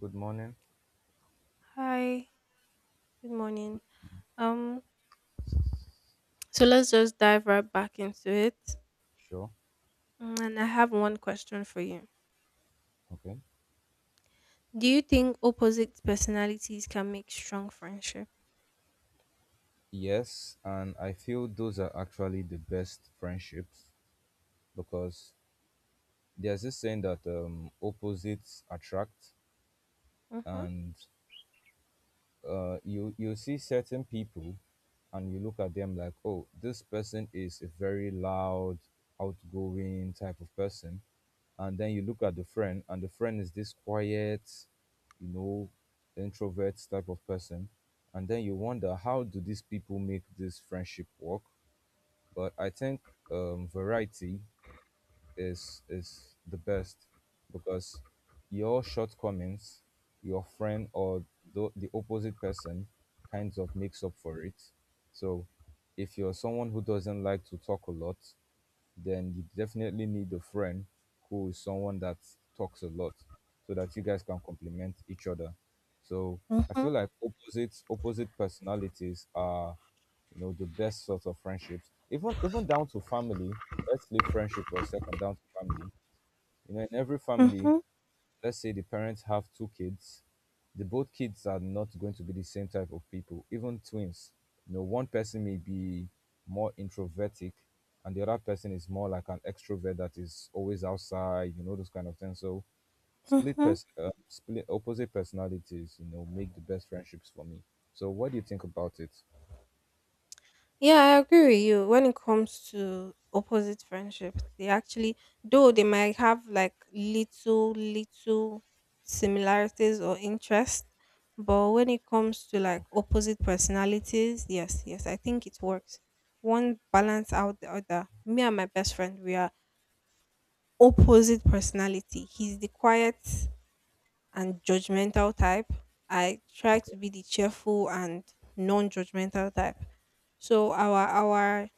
Good morning. Hi, good morning. Um, so let's just dive right back into it. Sure. Mm, and I have one question for you. Okay. Do you think opposite personalities can make strong friendship? Yes, and I feel those are actually the best friendships because there's this saying that opposites attract. Mm-hmm. And you see certain people, and you look at them like, oh, this person is a very loud, outgoing type of person, and then you look at the friend and the friend is this quiet, you know introvert type of person. And then you wonder, how do these people make this friendship work? But I think, variety is the best, because your shortcomings, your friend, or the opposite person kinds of makes up for it. So if you're someone who doesn't like to talk a lot, then you definitely need a friend who is someone that talks a lot, so that you guys can complement each other. So I Mm-hmm. feel like opposite personalities are the best sort of friendships. Even down to family. Let's leave friendship for a second, down to family. You know, in every family, Mm-hmm. let's say the parents have two kids, the both kids are not going to be the same type of people, even twins. You know, one person may be more introvertic, and the other person is more like an extrovert that is always outside, you know, those kind of things. So split opposite personalities, you know, make the best friendships for me. So what do you think about it? Yeah, I agree with you. When it comes to opposite friendships, they actually, though they might have like little similarities or interests, but when it comes to like Okay. opposite personalities, yes, yes, I think it works. One balance out the other. Me and my best friend, we are opposite personality. He's the quiet and judgmental type. I try Okay. to be the cheerful and non-judgmental type. So our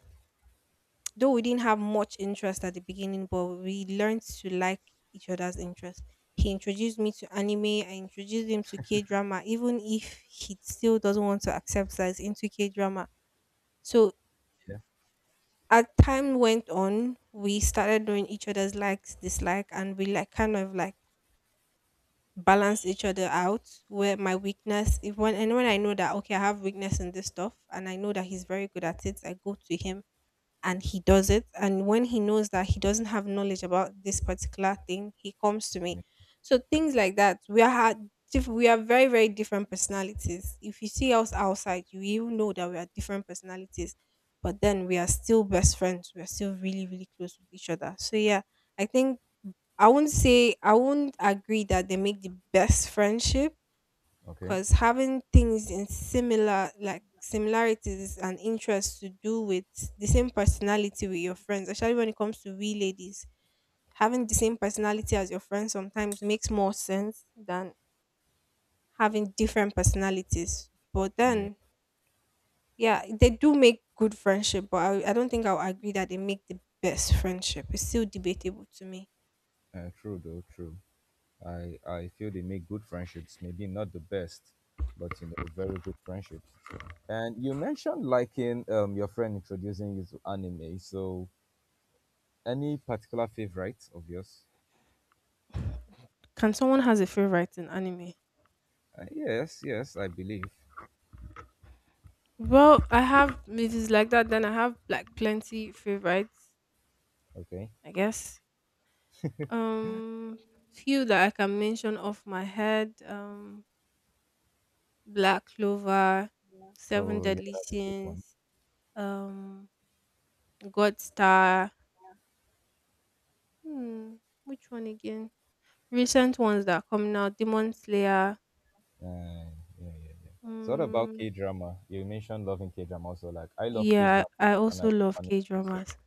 Though we didn't have much interest at the beginning, but we learned to like each other's interest. He introduced me to anime, I introduced him to K drama, even if he still doesn't want to accept that he's into K drama. So Yeah, as time went on, we started doing each other's likes, dislike, and we like kind of like balance each other out where my weakness if when and when I know that okay I have weakness in this stuff and I know that he's very good at it I go to him and he does it. And when he knows that he doesn't have knowledge about this particular thing, he comes to me. yeah. So things like that. We are very different personalities. If you see us outside, you even know that we are different personalities. But then we are still best friends. We are still really close with each other. So yeah, I think I wouldn't say I wouldn't agree that they make the best friendship Okay. because having things in similar like similarities and interests to do with the same personality with your friends, especially when it comes to we ladies, having the same personality as your friends sometimes makes more sense than having different personalities, but Yeah. then yeah, they do make good friendship, but I don't think I'll agree that they make the best friendship, it's still debatable to me. True, though. True. I feel they make good friendships, maybe not the best, but you know, very good friendships. And you mentioned liking, your friend introducing you to anime. So any particular favorite of yours? Can someone has a favorite in anime? Yes, yes, I believe. Well, I have. If it's like that, then I have like plenty favorites, Okay. I guess. Um, Few that I can mention off my head. Black Clover, Seven Oh yeah, Deadly that's a good one. Sins, um, God Star. Hmm, which one again? Recent ones that are coming out, Demon Slayer. Uh, yeah, yeah, yeah. So what about Mm, K drama? You mentioned loving K drama also. Like, I love K yeah, drama I and I also love love anime. K So, dramas.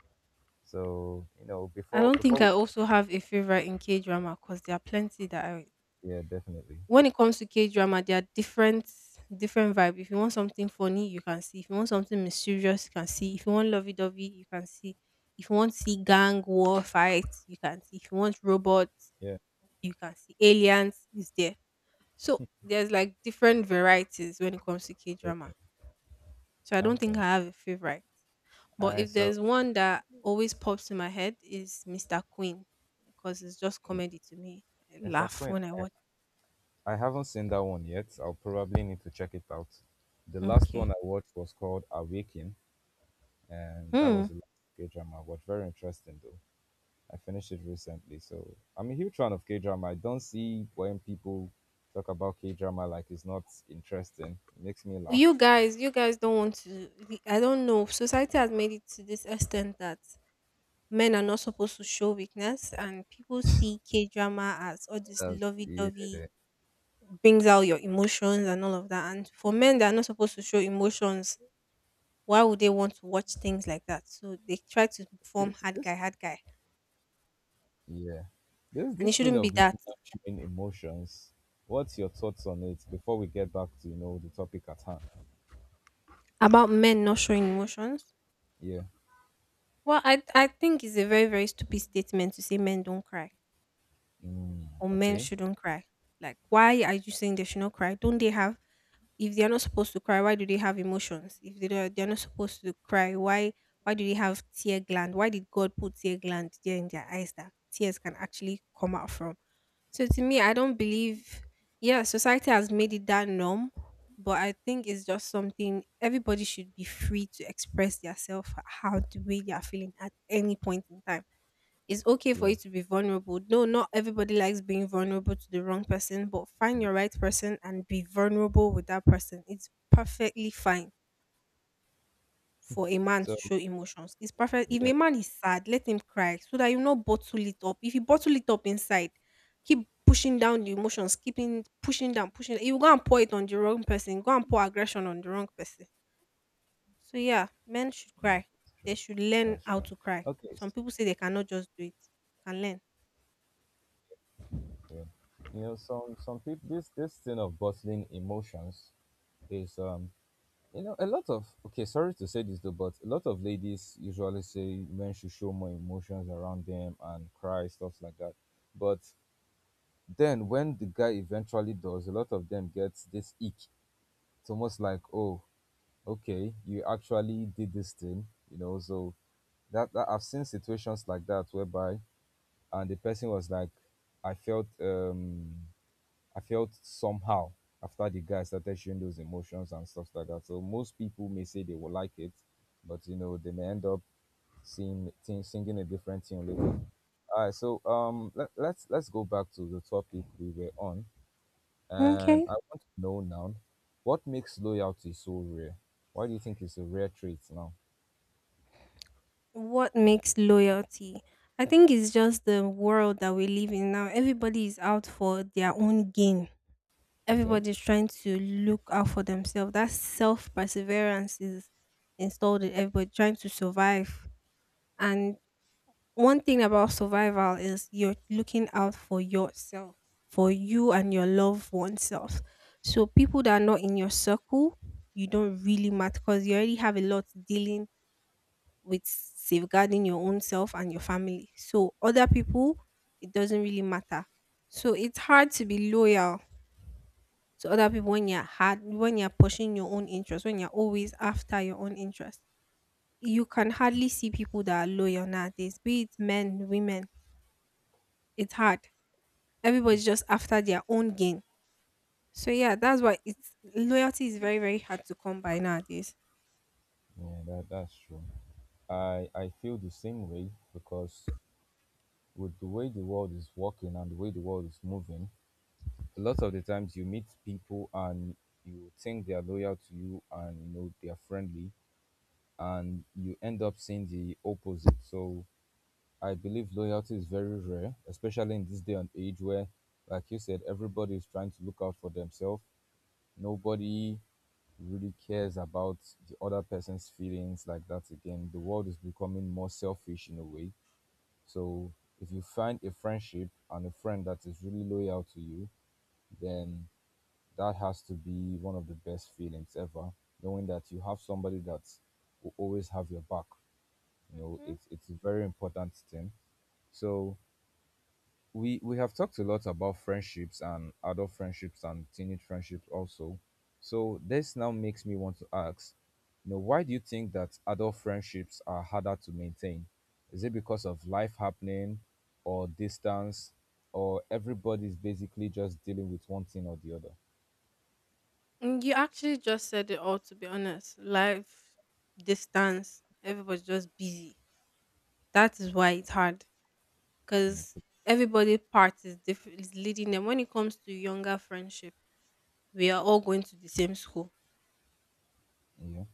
I before don't think before we, I also have a favorite in K drama because there are plenty that I— yeah, definitely. When it comes to K drama, there are different vibe. If you want something funny, you can see. If you want something mysterious, you can see. If you want lovey dovey, you can see. If you want to see gang war fights, you can see. If you want robots, Yeah, you can see. Aliens is there. So there's like different varieties when it comes to K yeah. Yeah. drama. So I don't think I Okay. have a favorite. All But right. if So there's one that always pops in my head is Mr. Queen because it's just comedy to me. I Mr. laugh Quinn, when I I, watch. I haven't seen that one yet. I'll probably need to check it out. The last Okay. one I watched was called Awaken, and that Hmm. was the last K drama I watched. Very interesting, though. I finished it recently, so I'm a huge fan of K drama. I don't see when people talk about K drama like it's not interesting. It makes me laugh. You guys don't want to— I don't know, society has made it to this extent that men are not supposed to show weakness and people see K-drama as all this Uh, lovey-dovey, yeah. brings out your emotions and all of that, and for men that are not supposed to show emotions, why would they want to watch things like that, so they try to form This, hard guy this, hard guy yeah. This, and it this thing shouldn't be of not that. nurturing emotions. What's your thoughts on it before we get back to the topic at hand? About men not showing emotions, Yeah. well I think it's a very stupid statement to say men don't cry Mm, or men okay. shouldn't cry. Like, why are you saying they should not cry? Don't they have? If they are not supposed to cry, why do they have emotions? If they don't, they are not supposed to cry, why? Why do they have tear gland? Why did God put tear gland there in their eyes that tears can actually come out from? So to me, I don't believe. Yeah, society has made it that norm, but I think it's just something everybody should be free to express themselves how the way they are feeling at any point in time. It's okay for Yeah, you to be vulnerable. No, not everybody likes being vulnerable to the wrong person, but that find was your right true. person and be vulnerable with that person. It's perfectly fine for a man So to show emotions. It's perfect. If yeah, a man is sad, let him cry so that you not bottle it up. If you bottle it up inside, keep pushing down the emotions, keeping pushing down, pushing. You go and pour it on the wrong person. Go and pour aggression on the wrong person. So yeah, men should cry. that's They true. should learn That's how true. to cry. Okay. Some people say they cannot just do it. You can learn. So, yeah. You know, some people, this thing of bottling emotions is a lot of, okay, sorry to say this though, but a lot of ladies usually say men should show more emotions around them and cry stuff like that. But then when the guy eventually does, a lot of them gets this ick. It's almost like, oh, okay, you actually did this thing, you know, so that I've seen situations like that whereby, and the person was like, I felt um I felt somehow after the guy started showing those emotions and stuff like that. So most people may say they will like it, but you know, they may end up seeing thing, singing a different tune later. All right, so let's go back to the topic we were on, and Okay, I want to know now, what makes loyalty so rare. Why do you think it's a rare trait now? what makes loyalty— I think it's just the world that we live in now, everybody is out for their own gain, Okay, everybody's trying to look out for themselves, that self perseverance is installed in everybody trying to survive, and one thing about survival is you're looking out for yourself, for you and your loved oneself, so people that are not in your circle, you don't really matter because you already have a lot dealing with safeguarding your own self and your family. So other people, it doesn't really matter. So it's hard to be loyal to other people when you're hard when you're pushing your own interest, when you're always after your own interest. You can hardly see people that are loyal nowadays, be it men, women. It's hard. Everybody's just after their own gain. So yeah, that's why it's loyalty is very hard to come by nowadays. yeah, that's true. I feel the same way, because with the way the world is working and the way the world is moving, a lot of the times you meet people and you think they are loyal to you and you know they are friendly, and you end up seeing the opposite. So I believe loyalty is very rare, especially in this day and age where, like you said, everybody is trying to look out for themselves. Nobody really cares about the other person's feelings like that again. The world is becoming more selfish in a way. So if you find a friendship and a friend that is really loyal to you, then that has to be one of the best feelings ever, knowing that you have somebody that will always have your back. You know, Mhm. it's a very important thing. So we have talked a lot about friendships and adult friendships and teenage friendships also. So this now makes me want to ask, you know, why do you think that adult friendships are harder to maintain? Is it because of life happening, or distance, or everybody's basically just dealing with one thing or the other? Mm, you actually just said it all, to be honest. Life, distance, everybody's just busy. That is why it's hard you know, because pe- everybody part is different, is leading them. When it comes to younger friendship, we are all going to the same school. yeah.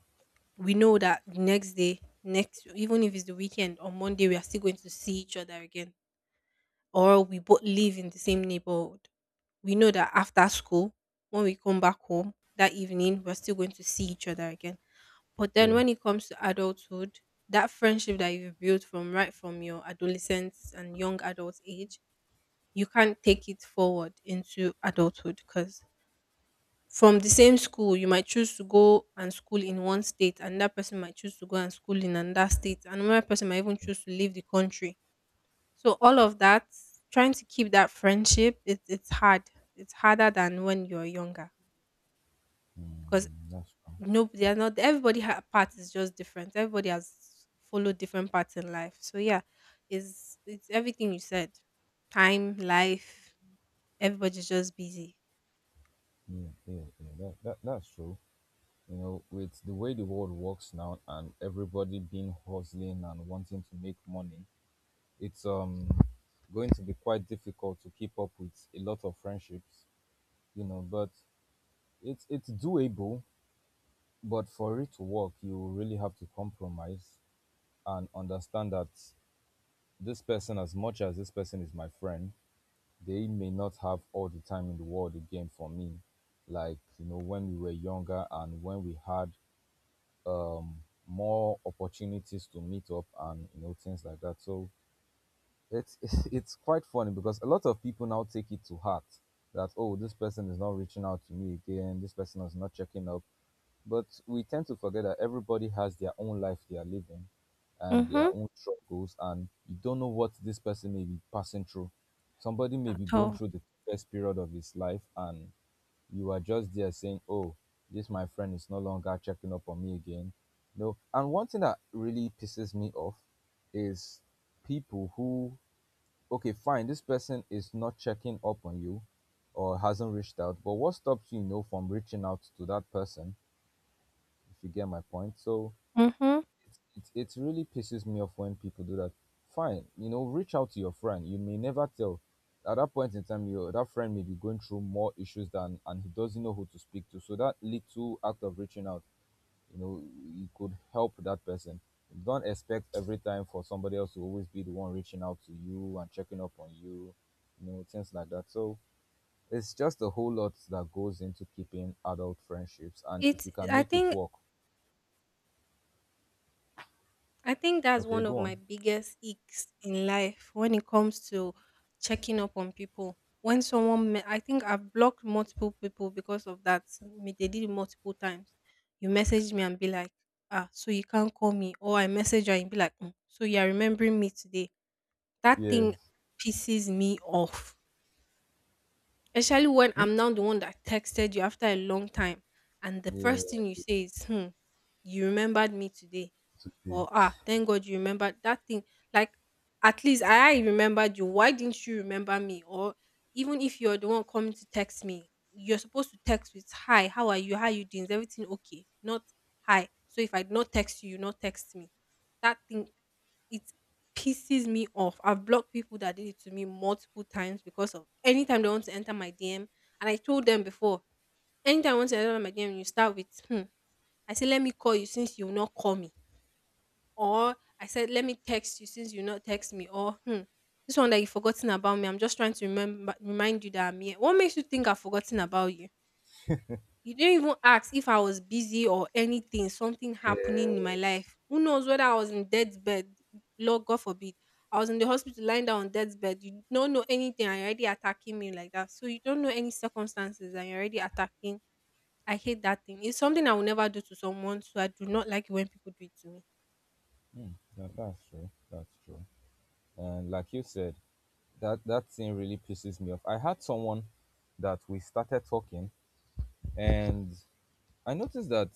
We know that the next day, next, even if it's the weekend or Monday, we are still going to see each other again. Or we both live in the same neighborhood. We know that after school, when we come back home that evening, we're still going to see each other again. But then Yeah. when it comes to adulthood, that friendship that you've built from right from your adolescence and young adult age, you can't take it forward into adulthood because from the same school, you might choose to go and school in one state, and that person might choose to go and school in another state, and another person might even choose to leave the country. So all of that, trying to keep that friendship, it's hard. It's harder than when you're younger because— Mm, that's true. Nope, they are not. Everybody ha- path is just different. Everybody has followed different paths in life. So yeah, it's everything you said. Time, life, everybody's just busy. Yeah. Yeah, yeah, that's true. You know, with the way the world works now and everybody being hustling and wanting to make money, it's going to be quite difficult to keep up with a lot of friendships. You know, but it's doable, but for it to work, you really have to compromise and understand that this person, as much as this person is my friend, they may not have all the time in the world again for me. Like, you know, when we were younger and when we had um more opportunities to meet up, and you know, things like that. So it's it's quite funny, because a lot of people now take it to heart that, oh, this person is not reaching out to me again, this person is not checking up. But we tend to forget that everybody has their own life they are living, and their Mm-hmm. own struggles, and you don't know what this person may be passing through. Somebody may At be going all. through the best period of his life, and you are just there saying, oh, this my friend is no longer checking up on me again. No. And one thing that really pisses me off is people who, okay, fine, this person is not checking up on you or hasn't reached out, but what stops you, you know, from reaching out to that person, if you get my point? So Mm-hmm. it really pisses me off when people do that. Fine, you know, reach out to your friend. You may never tell. At that point in time, your that friend may be going through more issues than, and he doesn't know who to speak to. So that little act of reaching out, you know, you could help that person. Don't expect every time for somebody else to always be the one reaching out to you and checking up on you, you know, things like that. So it's just a whole lot that goes into keeping adult friendships, and if It's you can make it work. I think that's Okay, one of go on. my biggest icks in life when it comes to checking up on people. When someone, me- I think I've blocked multiple people because of that. Me- They did it multiple times. You message me and be like, ah, so you can't call me. Or I message you and be like, "Mm, so you are remembering me today." That thing Yes. pisses me off. Especially when Hmm? I'm now the one that texted you after a long time. And the first Yeah. thing you say is, hmm, you remembered me today, Today. or ah, thank God you remembered that thing. Like, at least I remembered you. Why didn't you remember me? Or even if you're the one coming to text me, you're supposed to text with hi, how are you? How you doing? Is everything okay? Not hi. So if I did not text you, you not text me. That thing, it pisses me off. I've blocked people that did it to me multiple times because of anytime they want to enter my DM. And I told them before, anytime I want to enter my DM, you start with hmm. I say, let me call you since you will not call me, or I said, let me text you since you not text me, or hmm, this one that you've forgotten about me. I'm just trying to remember remind you that I'm here. What makes you think I've forgotten about you? You didn't even ask if I was busy or anything, something happening in my Yes. life. Who knows whether I was in death's bed, Lord God forbid. I was in the hospital lying down on death's bed. You don't know anything and you're already attacking me like that. So you don't know any circumstances and you're already attacking. I hate that thing. It's something I will never do to someone. So I do not like it when people do it to me. Hmm, that's true. That's true. And like you said, that that thing really pisses me off. I had someone that we started talking, and I noticed that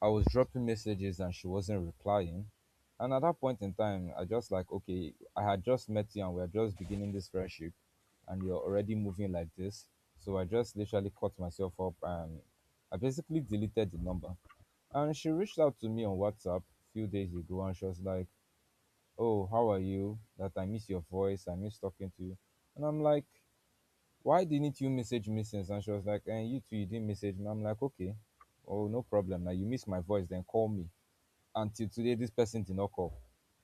I was dropping messages and she wasn't replying. And at that point in time, I just like, okay, I had just met you and we are just beginning this friendship, and you're already moving like this. So I just literally caught myself up and I basically deleted the number. And she reached out to me on WhatsApp a few days ago and she was like, oh, how are you? That I miss your voice, I miss talking to you. And I'm like, why didn't you message me since? And she was like, and you too, you didn't message me. I'm like, okay, oh no problem. Now you miss my voice, then call me. Until today this person did not call,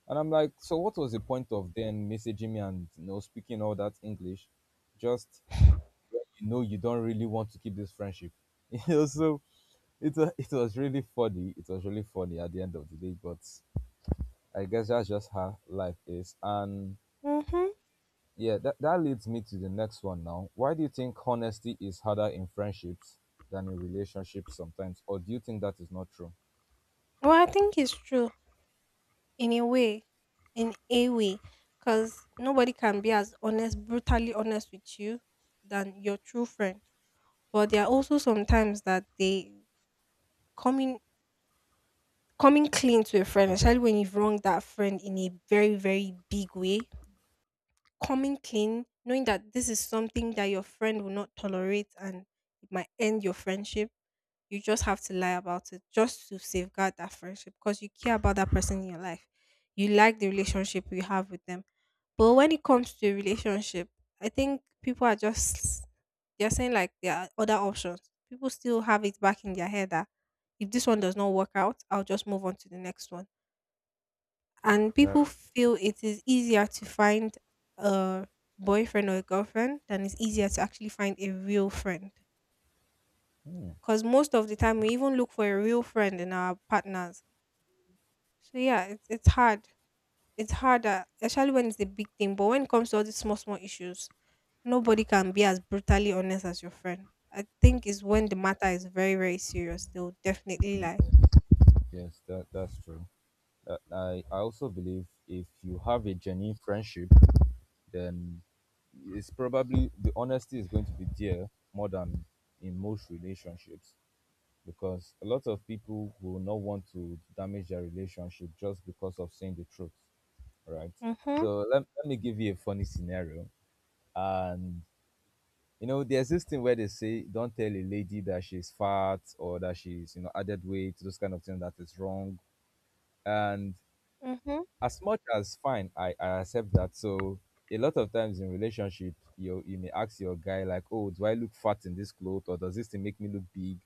and I'm like, so what was the point of then messaging me and, you know, speaking all that English, just when you know you don't really want to keep this friendship you know, so it was really funny. It was really funny at the end of the day. But I guess that's just how life is, and Mhm. yeah, that leads me to the next one. Now, why do you think honesty is harder in friendships than in relationships sometimes, or do you think that is not true? Well, I think it's true in a way, in a way, because nobody can be as honest, brutally honest with you than your true friend. But there are also sometimes that they coming coming clean to a friend, Okay. especially when you've wronged that friend in a very very big way. Coming clean, knowing that this is something that your friend will not tolerate and it might end your friendship, you just have to lie about it just to safeguard that friendship because you care about that person in your life. You like the relationship you have with them. But when it comes to a relationship, I think people are just, they're saying like there are other options. People still have it back in their head that if this one does not work out, I'll just move on to the next one. And That. people feel it is easier to find a boyfriend or a girlfriend than it's easier to actually find a real friend, Hmm, because most of the time we even look for a real friend in our partners. So yeah, it's hard. It's harder, especially when it's a big thing. But when it comes to all these small small issues, nobody can be as brutally honest as your friend. I think it's when the matter is very very serious. They'll definitely lie. yes, that's true. I also believe if you have a genuine friendship, then it's probably the honesty is going to be there more than in most relationships, because a lot of people will not want to damage their relationship just because of saying the truth, right? Mhm. So let me give you a funny scenario. And you know, there's this thing where they say, don't tell a lady that she's fat or that she's, you know, added weight, those kind of things that is wrong. And Mhm. as much as fine, I accept that. So a lot of times in relationship, you may ask your guy like, oh, do I look fat in this cloth, or does this thing make me look big?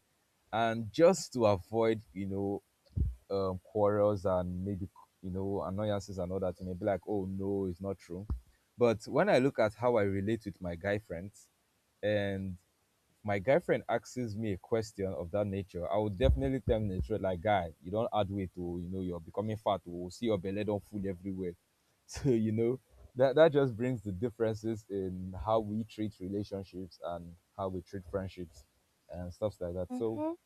And just to avoid, quarrels and maybe annoyances and all that, you may be like, oh no, it's not true. But when I look at how I relate with my guy friends, and my girlfriend asks me a question of that nature, I would definitely tell him the truth. Like, guy, you don't add weight to, you know, you're becoming fat. We'll see your belly don't fool everywhere. So, you know, that just brings the differences in how we treat relationships and how we treat friendships and stuff like that. So Mhm.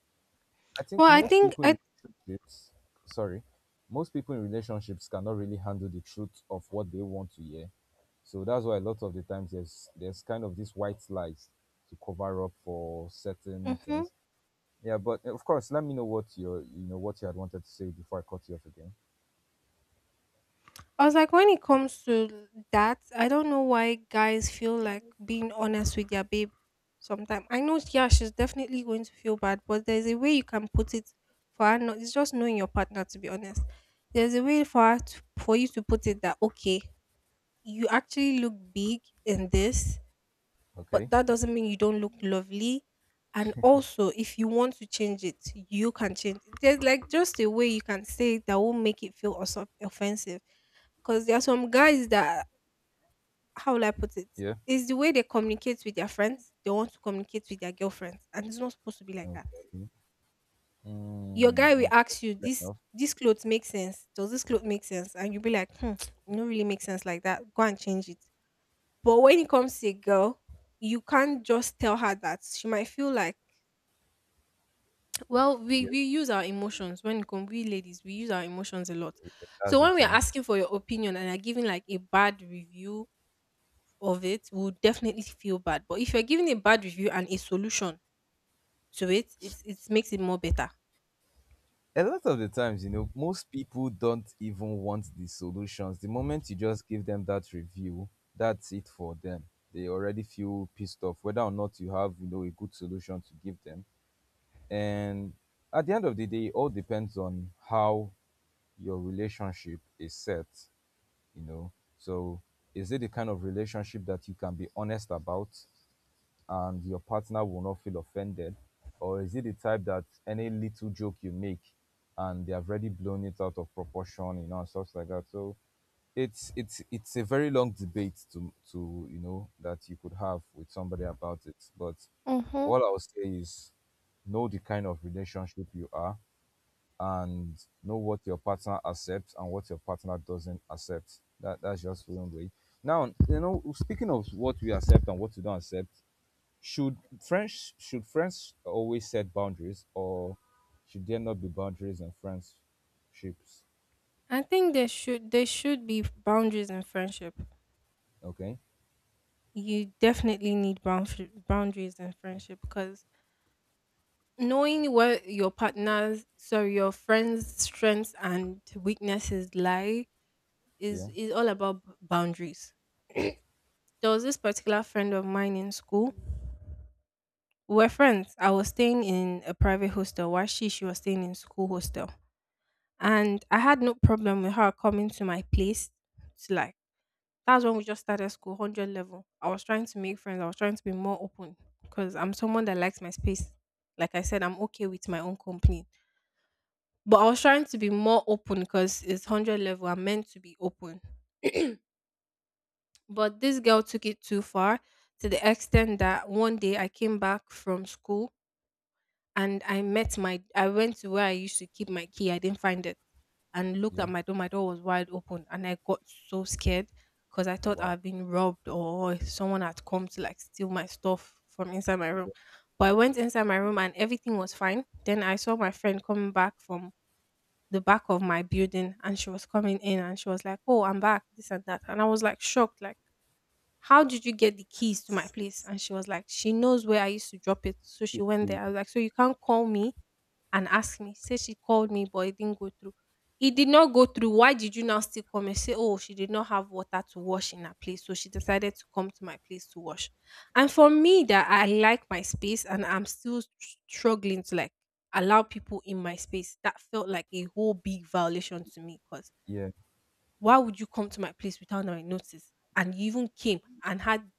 I Well, think I most think people I. in relationships, sorry, most people in relationships cannot really handle the truth of what they want to hear, so that's why a lot of the times there's kind of this white lies to cover up for certain Mhm. things. Yeah, but of course, let me know what your you know what you had wanted to say before I cut you off again. I was like, when it comes to that, I don't know why guys feel like being honest with their babe sometimes. I know, yeah, she's definitely going to feel bad, but there's a way you can put it for her. Not, it's just knowing your partner, to be honest. There's a way for her to, for you to put it that, okay, you actually look big in this, but Okay. that doesn't mean you don't look lovely. And also, if you want to change it, you can change it. There's like just a way you can say it that will make it feel also offensive. Because there are some guys that, how will I put it? Yeah. It's the way they communicate with their friends. They want to communicate with their girlfriends. And it's not supposed to be like that. Okay. Your Mm, guy will okay. ask you, Fair this enough. this clothes make sense? Does this clothes make sense? And you'll be like, hmm, it don't really make sense like that. Go and change it. But when it comes to a girl, you can't just tell her that. She might feel like. Well, we, Yeah, we use our emotions when it comes, we ladies, we use our emotions a lot. yeah, So that's the when we are thing. asking for your opinion and are giving like a bad review of it, we'll definitely feel bad. But if you're giving a bad review and a solution to it, it's, it makes it more better. A lot of the times, you know, most people don't even want the solutions. The moment you just give them that review, that's it for them. They already feel pissed off, whether or not you have, you know, a good solution to give them. And at the end of the day, it all depends on how your relationship is set, you know. So, is it the kind of relationship that you can be honest about and your partner will not feel offended? Or is it the type that any little joke you make and they have already blown it out of proportion, you know, and stuff like that? So, it's a very long debate to you know that you could have with somebody about it, but Mm-hmm. all I'll say is know the kind of relationship you are and know what your partner accepts and what your partner doesn't accept. That's just one way. Now, you know, speaking of what we accept and what we don't accept, should should friends always set boundaries, or should there not be boundaries in friendships? I think there should be boundaries in friendship. Okay, You definitely need boundary, boundaries in friendship because knowing where your partner's, sorry, your friend's strengths and weaknesses lie is yeah, is all about boundaries. There was this particular friend of mine in school. We were friends. I was staying in a private hostel while she was staying in school hostel. And I had no problem with her coming to my place to like, that's when we just started school, hundred level. I was trying to make friends. I was trying to be more open because I'm someone that likes my space. Like I said, I'm okay with my own company. But I was trying to be more open because it's hundred level. I'm meant to be open. But this girl took it too far, to the extent that one day I came back from school and I met my, I went to where I used to keep my key. I didn't find it and looked yeah, at my door. My door was wide open and I got so scared because I thought wow, I'd been robbed or someone had come to like steal my stuff from inside my room. yeah, But I went inside my room and everything was fine. Then I saw my friend coming back from the back of my building and she was coming in and she was like, "Oh, I'm back, this and that." And I was like shocked, like how did you get the keys to my place? And she was like, she knows where I used to drop it. So she Keep- went there. I keep- was like, so you can't call me and ask me. Say she called me, but it didn't go through. It did not go through. Why did you now still come and say, oh, she did not have water to wash in her place. So she decided to come to my place to wash. And for me, that I like my space and I'm still struggling to like allow people in my space, that felt like a whole big violation to me. Because yeah, why would you come to my place without my notice? And you even came and had,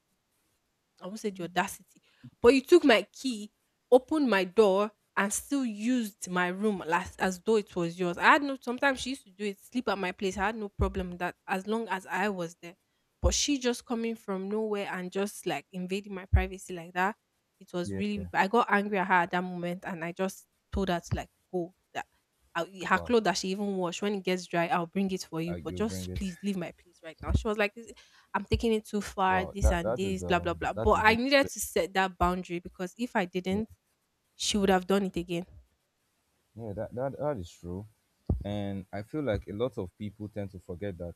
I won't say the audacity, but you took my key, opened my door, and still used my room last as though it was yours. I had no. Sometimes she used to do it, sleep at my place. I had no problem with that as long as I was there. But she just coming from nowhere and just like invading my privacy like that. It was yeah, yeah. really. I got angry at her at that moment, and I just told her to like go. That I, her Wow. clothes that she even washed, when it gets dry, I'll bring it for Uh, you. But you bring just it. please leave my place right now. She was like, I'm taking it too far, Wow, this that and that is this, blah blah um blah. that But is I really needed great. to set that boundary because if I didn't, she would have done it again. Yeah, that is true. And I feel like a lot of people tend to forget that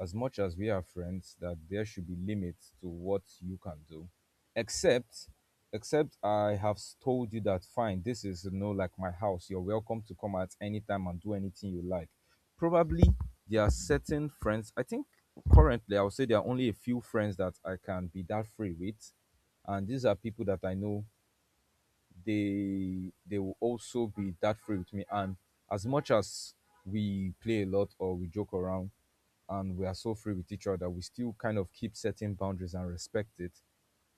as much as we are friends, that there should be limits to what you can do. Except except I have told you that fine, this is you know like my house. You're welcome to come at any time and do anything you like. Probably there are certain friends I think currently I would say there are only a few friends that I can be that free with. And these are people that I know they will also be that free with me. And as much as we play a lot or we joke around and we are so free with each other, we still kind of keep setting boundaries and respect it.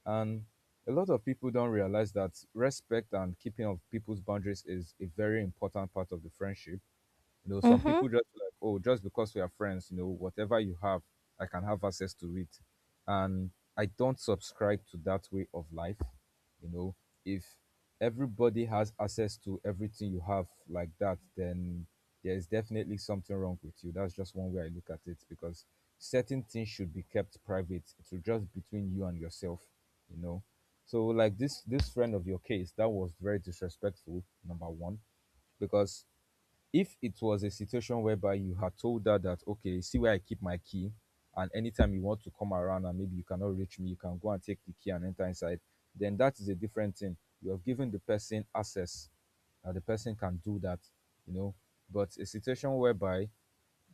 And a lot of people don't realize that respect and keeping of people's boundaries is a very important part of the friendship. You know, some Mhm. people just like, oh, just because we are friends, you know, whatever you have, I can have access to it. And I don't subscribe to that way of life. You know, if everybody has access to everything you have like that, then there is definitely something wrong with you. That's just one way I look at it because certain things should be kept private. It should just between you and yourself, you know. So like this friend of your case, that was very disrespectful, number one, because if it was a situation whereby you had told her that okay, see where I keep my key and anytime you want to come around and maybe you cannot reach me, you can go and take the key and enter inside, then that is a different thing. You have given the person access, and the person can do that, you know. But a situation whereby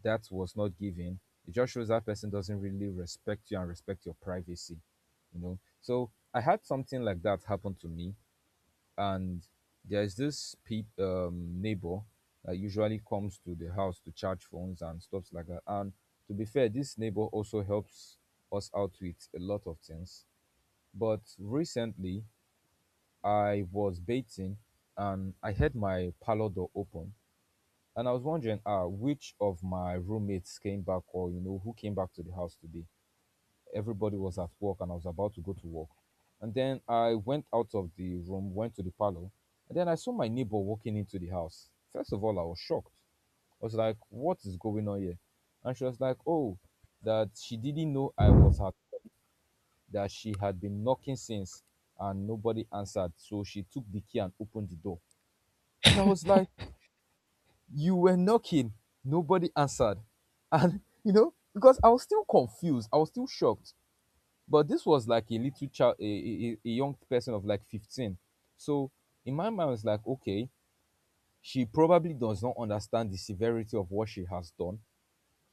that was not given, it just shows that person doesn't really respect you and respect your privacy, you know. So I had something like that happen to me. And there's this pe neighbor that usually comes to the house to charge phones and stuff like that. And to be fair, this neighbor also helps us out with a lot of things. But recently, I was bathing, and I had my parlor door open. And I was wondering ah, which of my roommates came back, or, you know, who came back to the house today. Everybody was at work and I was about to go to work. And then I went out of the room, went to the parlor, and then I saw my neighbor walking into the house. First of all, I was shocked. I was like, what is going on here? And she was like, oh, that she didn't know I was her, that she had been knocking since and nobody answered. So she took the key and opened the door. And I was like, you were knocking, nobody answered. And, you know, because I was still confused, I was still shocked. But this was like a little child, a young person of like 15. So in my mind it's like okay, she probably does not understand the severity of what she has done.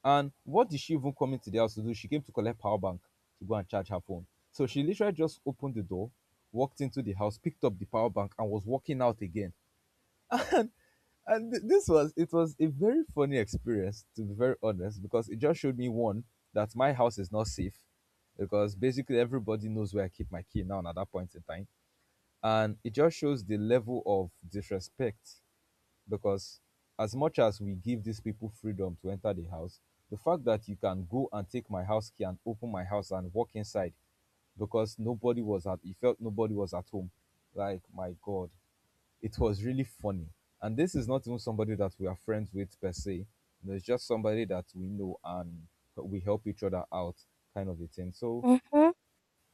And what did she even come into the house to do? She came to collect power bank to go and charge her phone. So she literally just opened the door, walked into the house, picked up the power bank and was walking out again. And th- this was it was a very funny experience to be very honest, because it just showed me one, that my house is not safe, because basically everybody knows where I keep my key now, and at that point in time. And it just shows the level of disrespect, because as much as we give these people freedom to enter the house, the fact that you can go and take my house key and open my house and walk inside because nobody was at he felt nobody was at home, like my god, it was really funny. And this is not even somebody that we are friends with per se. There's just somebody that we know and we help each other out, kind of a thing. So Mhm.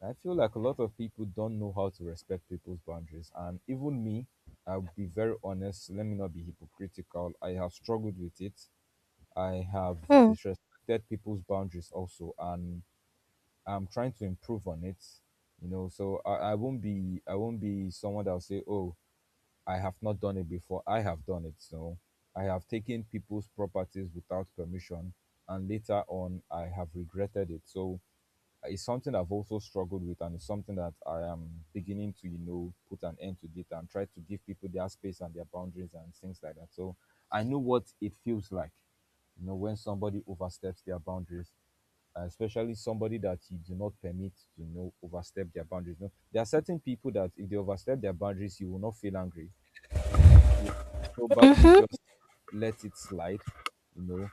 I feel like a lot of people don't know how to respect people's boundaries. And even me, I'll be very honest, let me not be hypocritical. I have struggled with it. I have disrespected people's boundaries also, and I'm trying to improve on it. You know, so I won't be someone that'll say, oh, I have not done it before. I have done it. So I have taken people's properties without permission, and later on, I have regretted it. So it's something I've also struggled with, and it's something that I am beginning to, you know, put an end to it and try to give people their space and their boundaries and things like that. So I know what it feels like, you know, when somebody oversteps their boundaries. Especially somebody that you do not permit to you know overstep their boundaries. You know, there are certain people that if they overstep their boundaries, you will not feel angry, you probably Mhm. just let it slide. You know,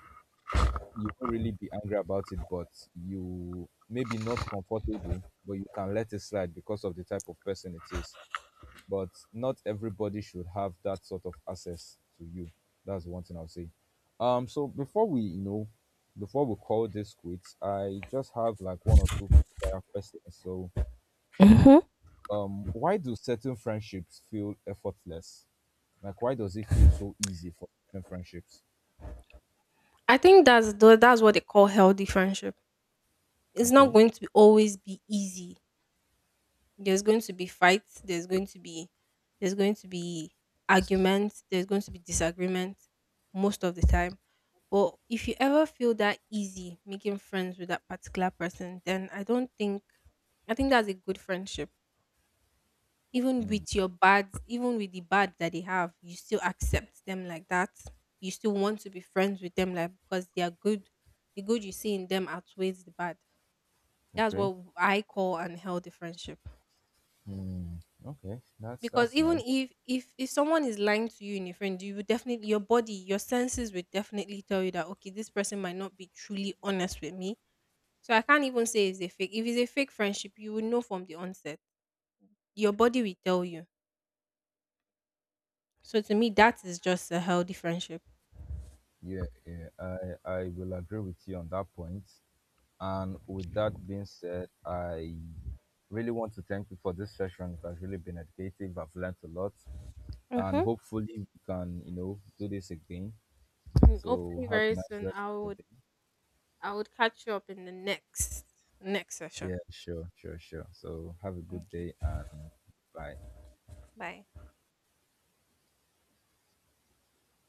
you won't really be angry about it, but you maybe not comfortable, but you can let it slide because of the type of person it is. But not everybody should have that sort of access to you. That's one thing I'll say. So before we, you know, before we call this quits, I just have like one or two prior questions. So why do certain friendships feel effortless, like why does it feel so easy for certain friendships? I think that's the, that's what they call healthy friendship. It's not Okay. going to be, always be easy. There's going to be fights. There's going to be arguments. There's going to be disagreement most of the time. But if you ever feel that easy making friends with that particular person, then I don't think I think that's a good friendship. Even Mm, with your bad, even with the bad that they have, you still accept them like that. You still want to be friends with them like because they are good. The good you see in them outweighs the bad. That's okay, what I call unhealthy friendship. okay, Because that's even nice. if if someone is lying to you in a friend, you would definitely, your body, your senses would definitely tell you that, okay, this person might not be truly honest with me. So I can't even say it's a fake, if it's a fake friendship you will know from the onset. Your body will tell you. So to me, that is just a healthy friendship. Yeah, yeah, I will agree with you on that point. And with that being said, I really want to thank you for this session. It has really been educative, I've learned a lot, and Mhm. hopefully we can you know do this again. Mm, So hopefully have a very nice soon rest I of would, the day. I would catch you up in the next session. Yeah, sure, so have a good day Okay. and bye. Bye.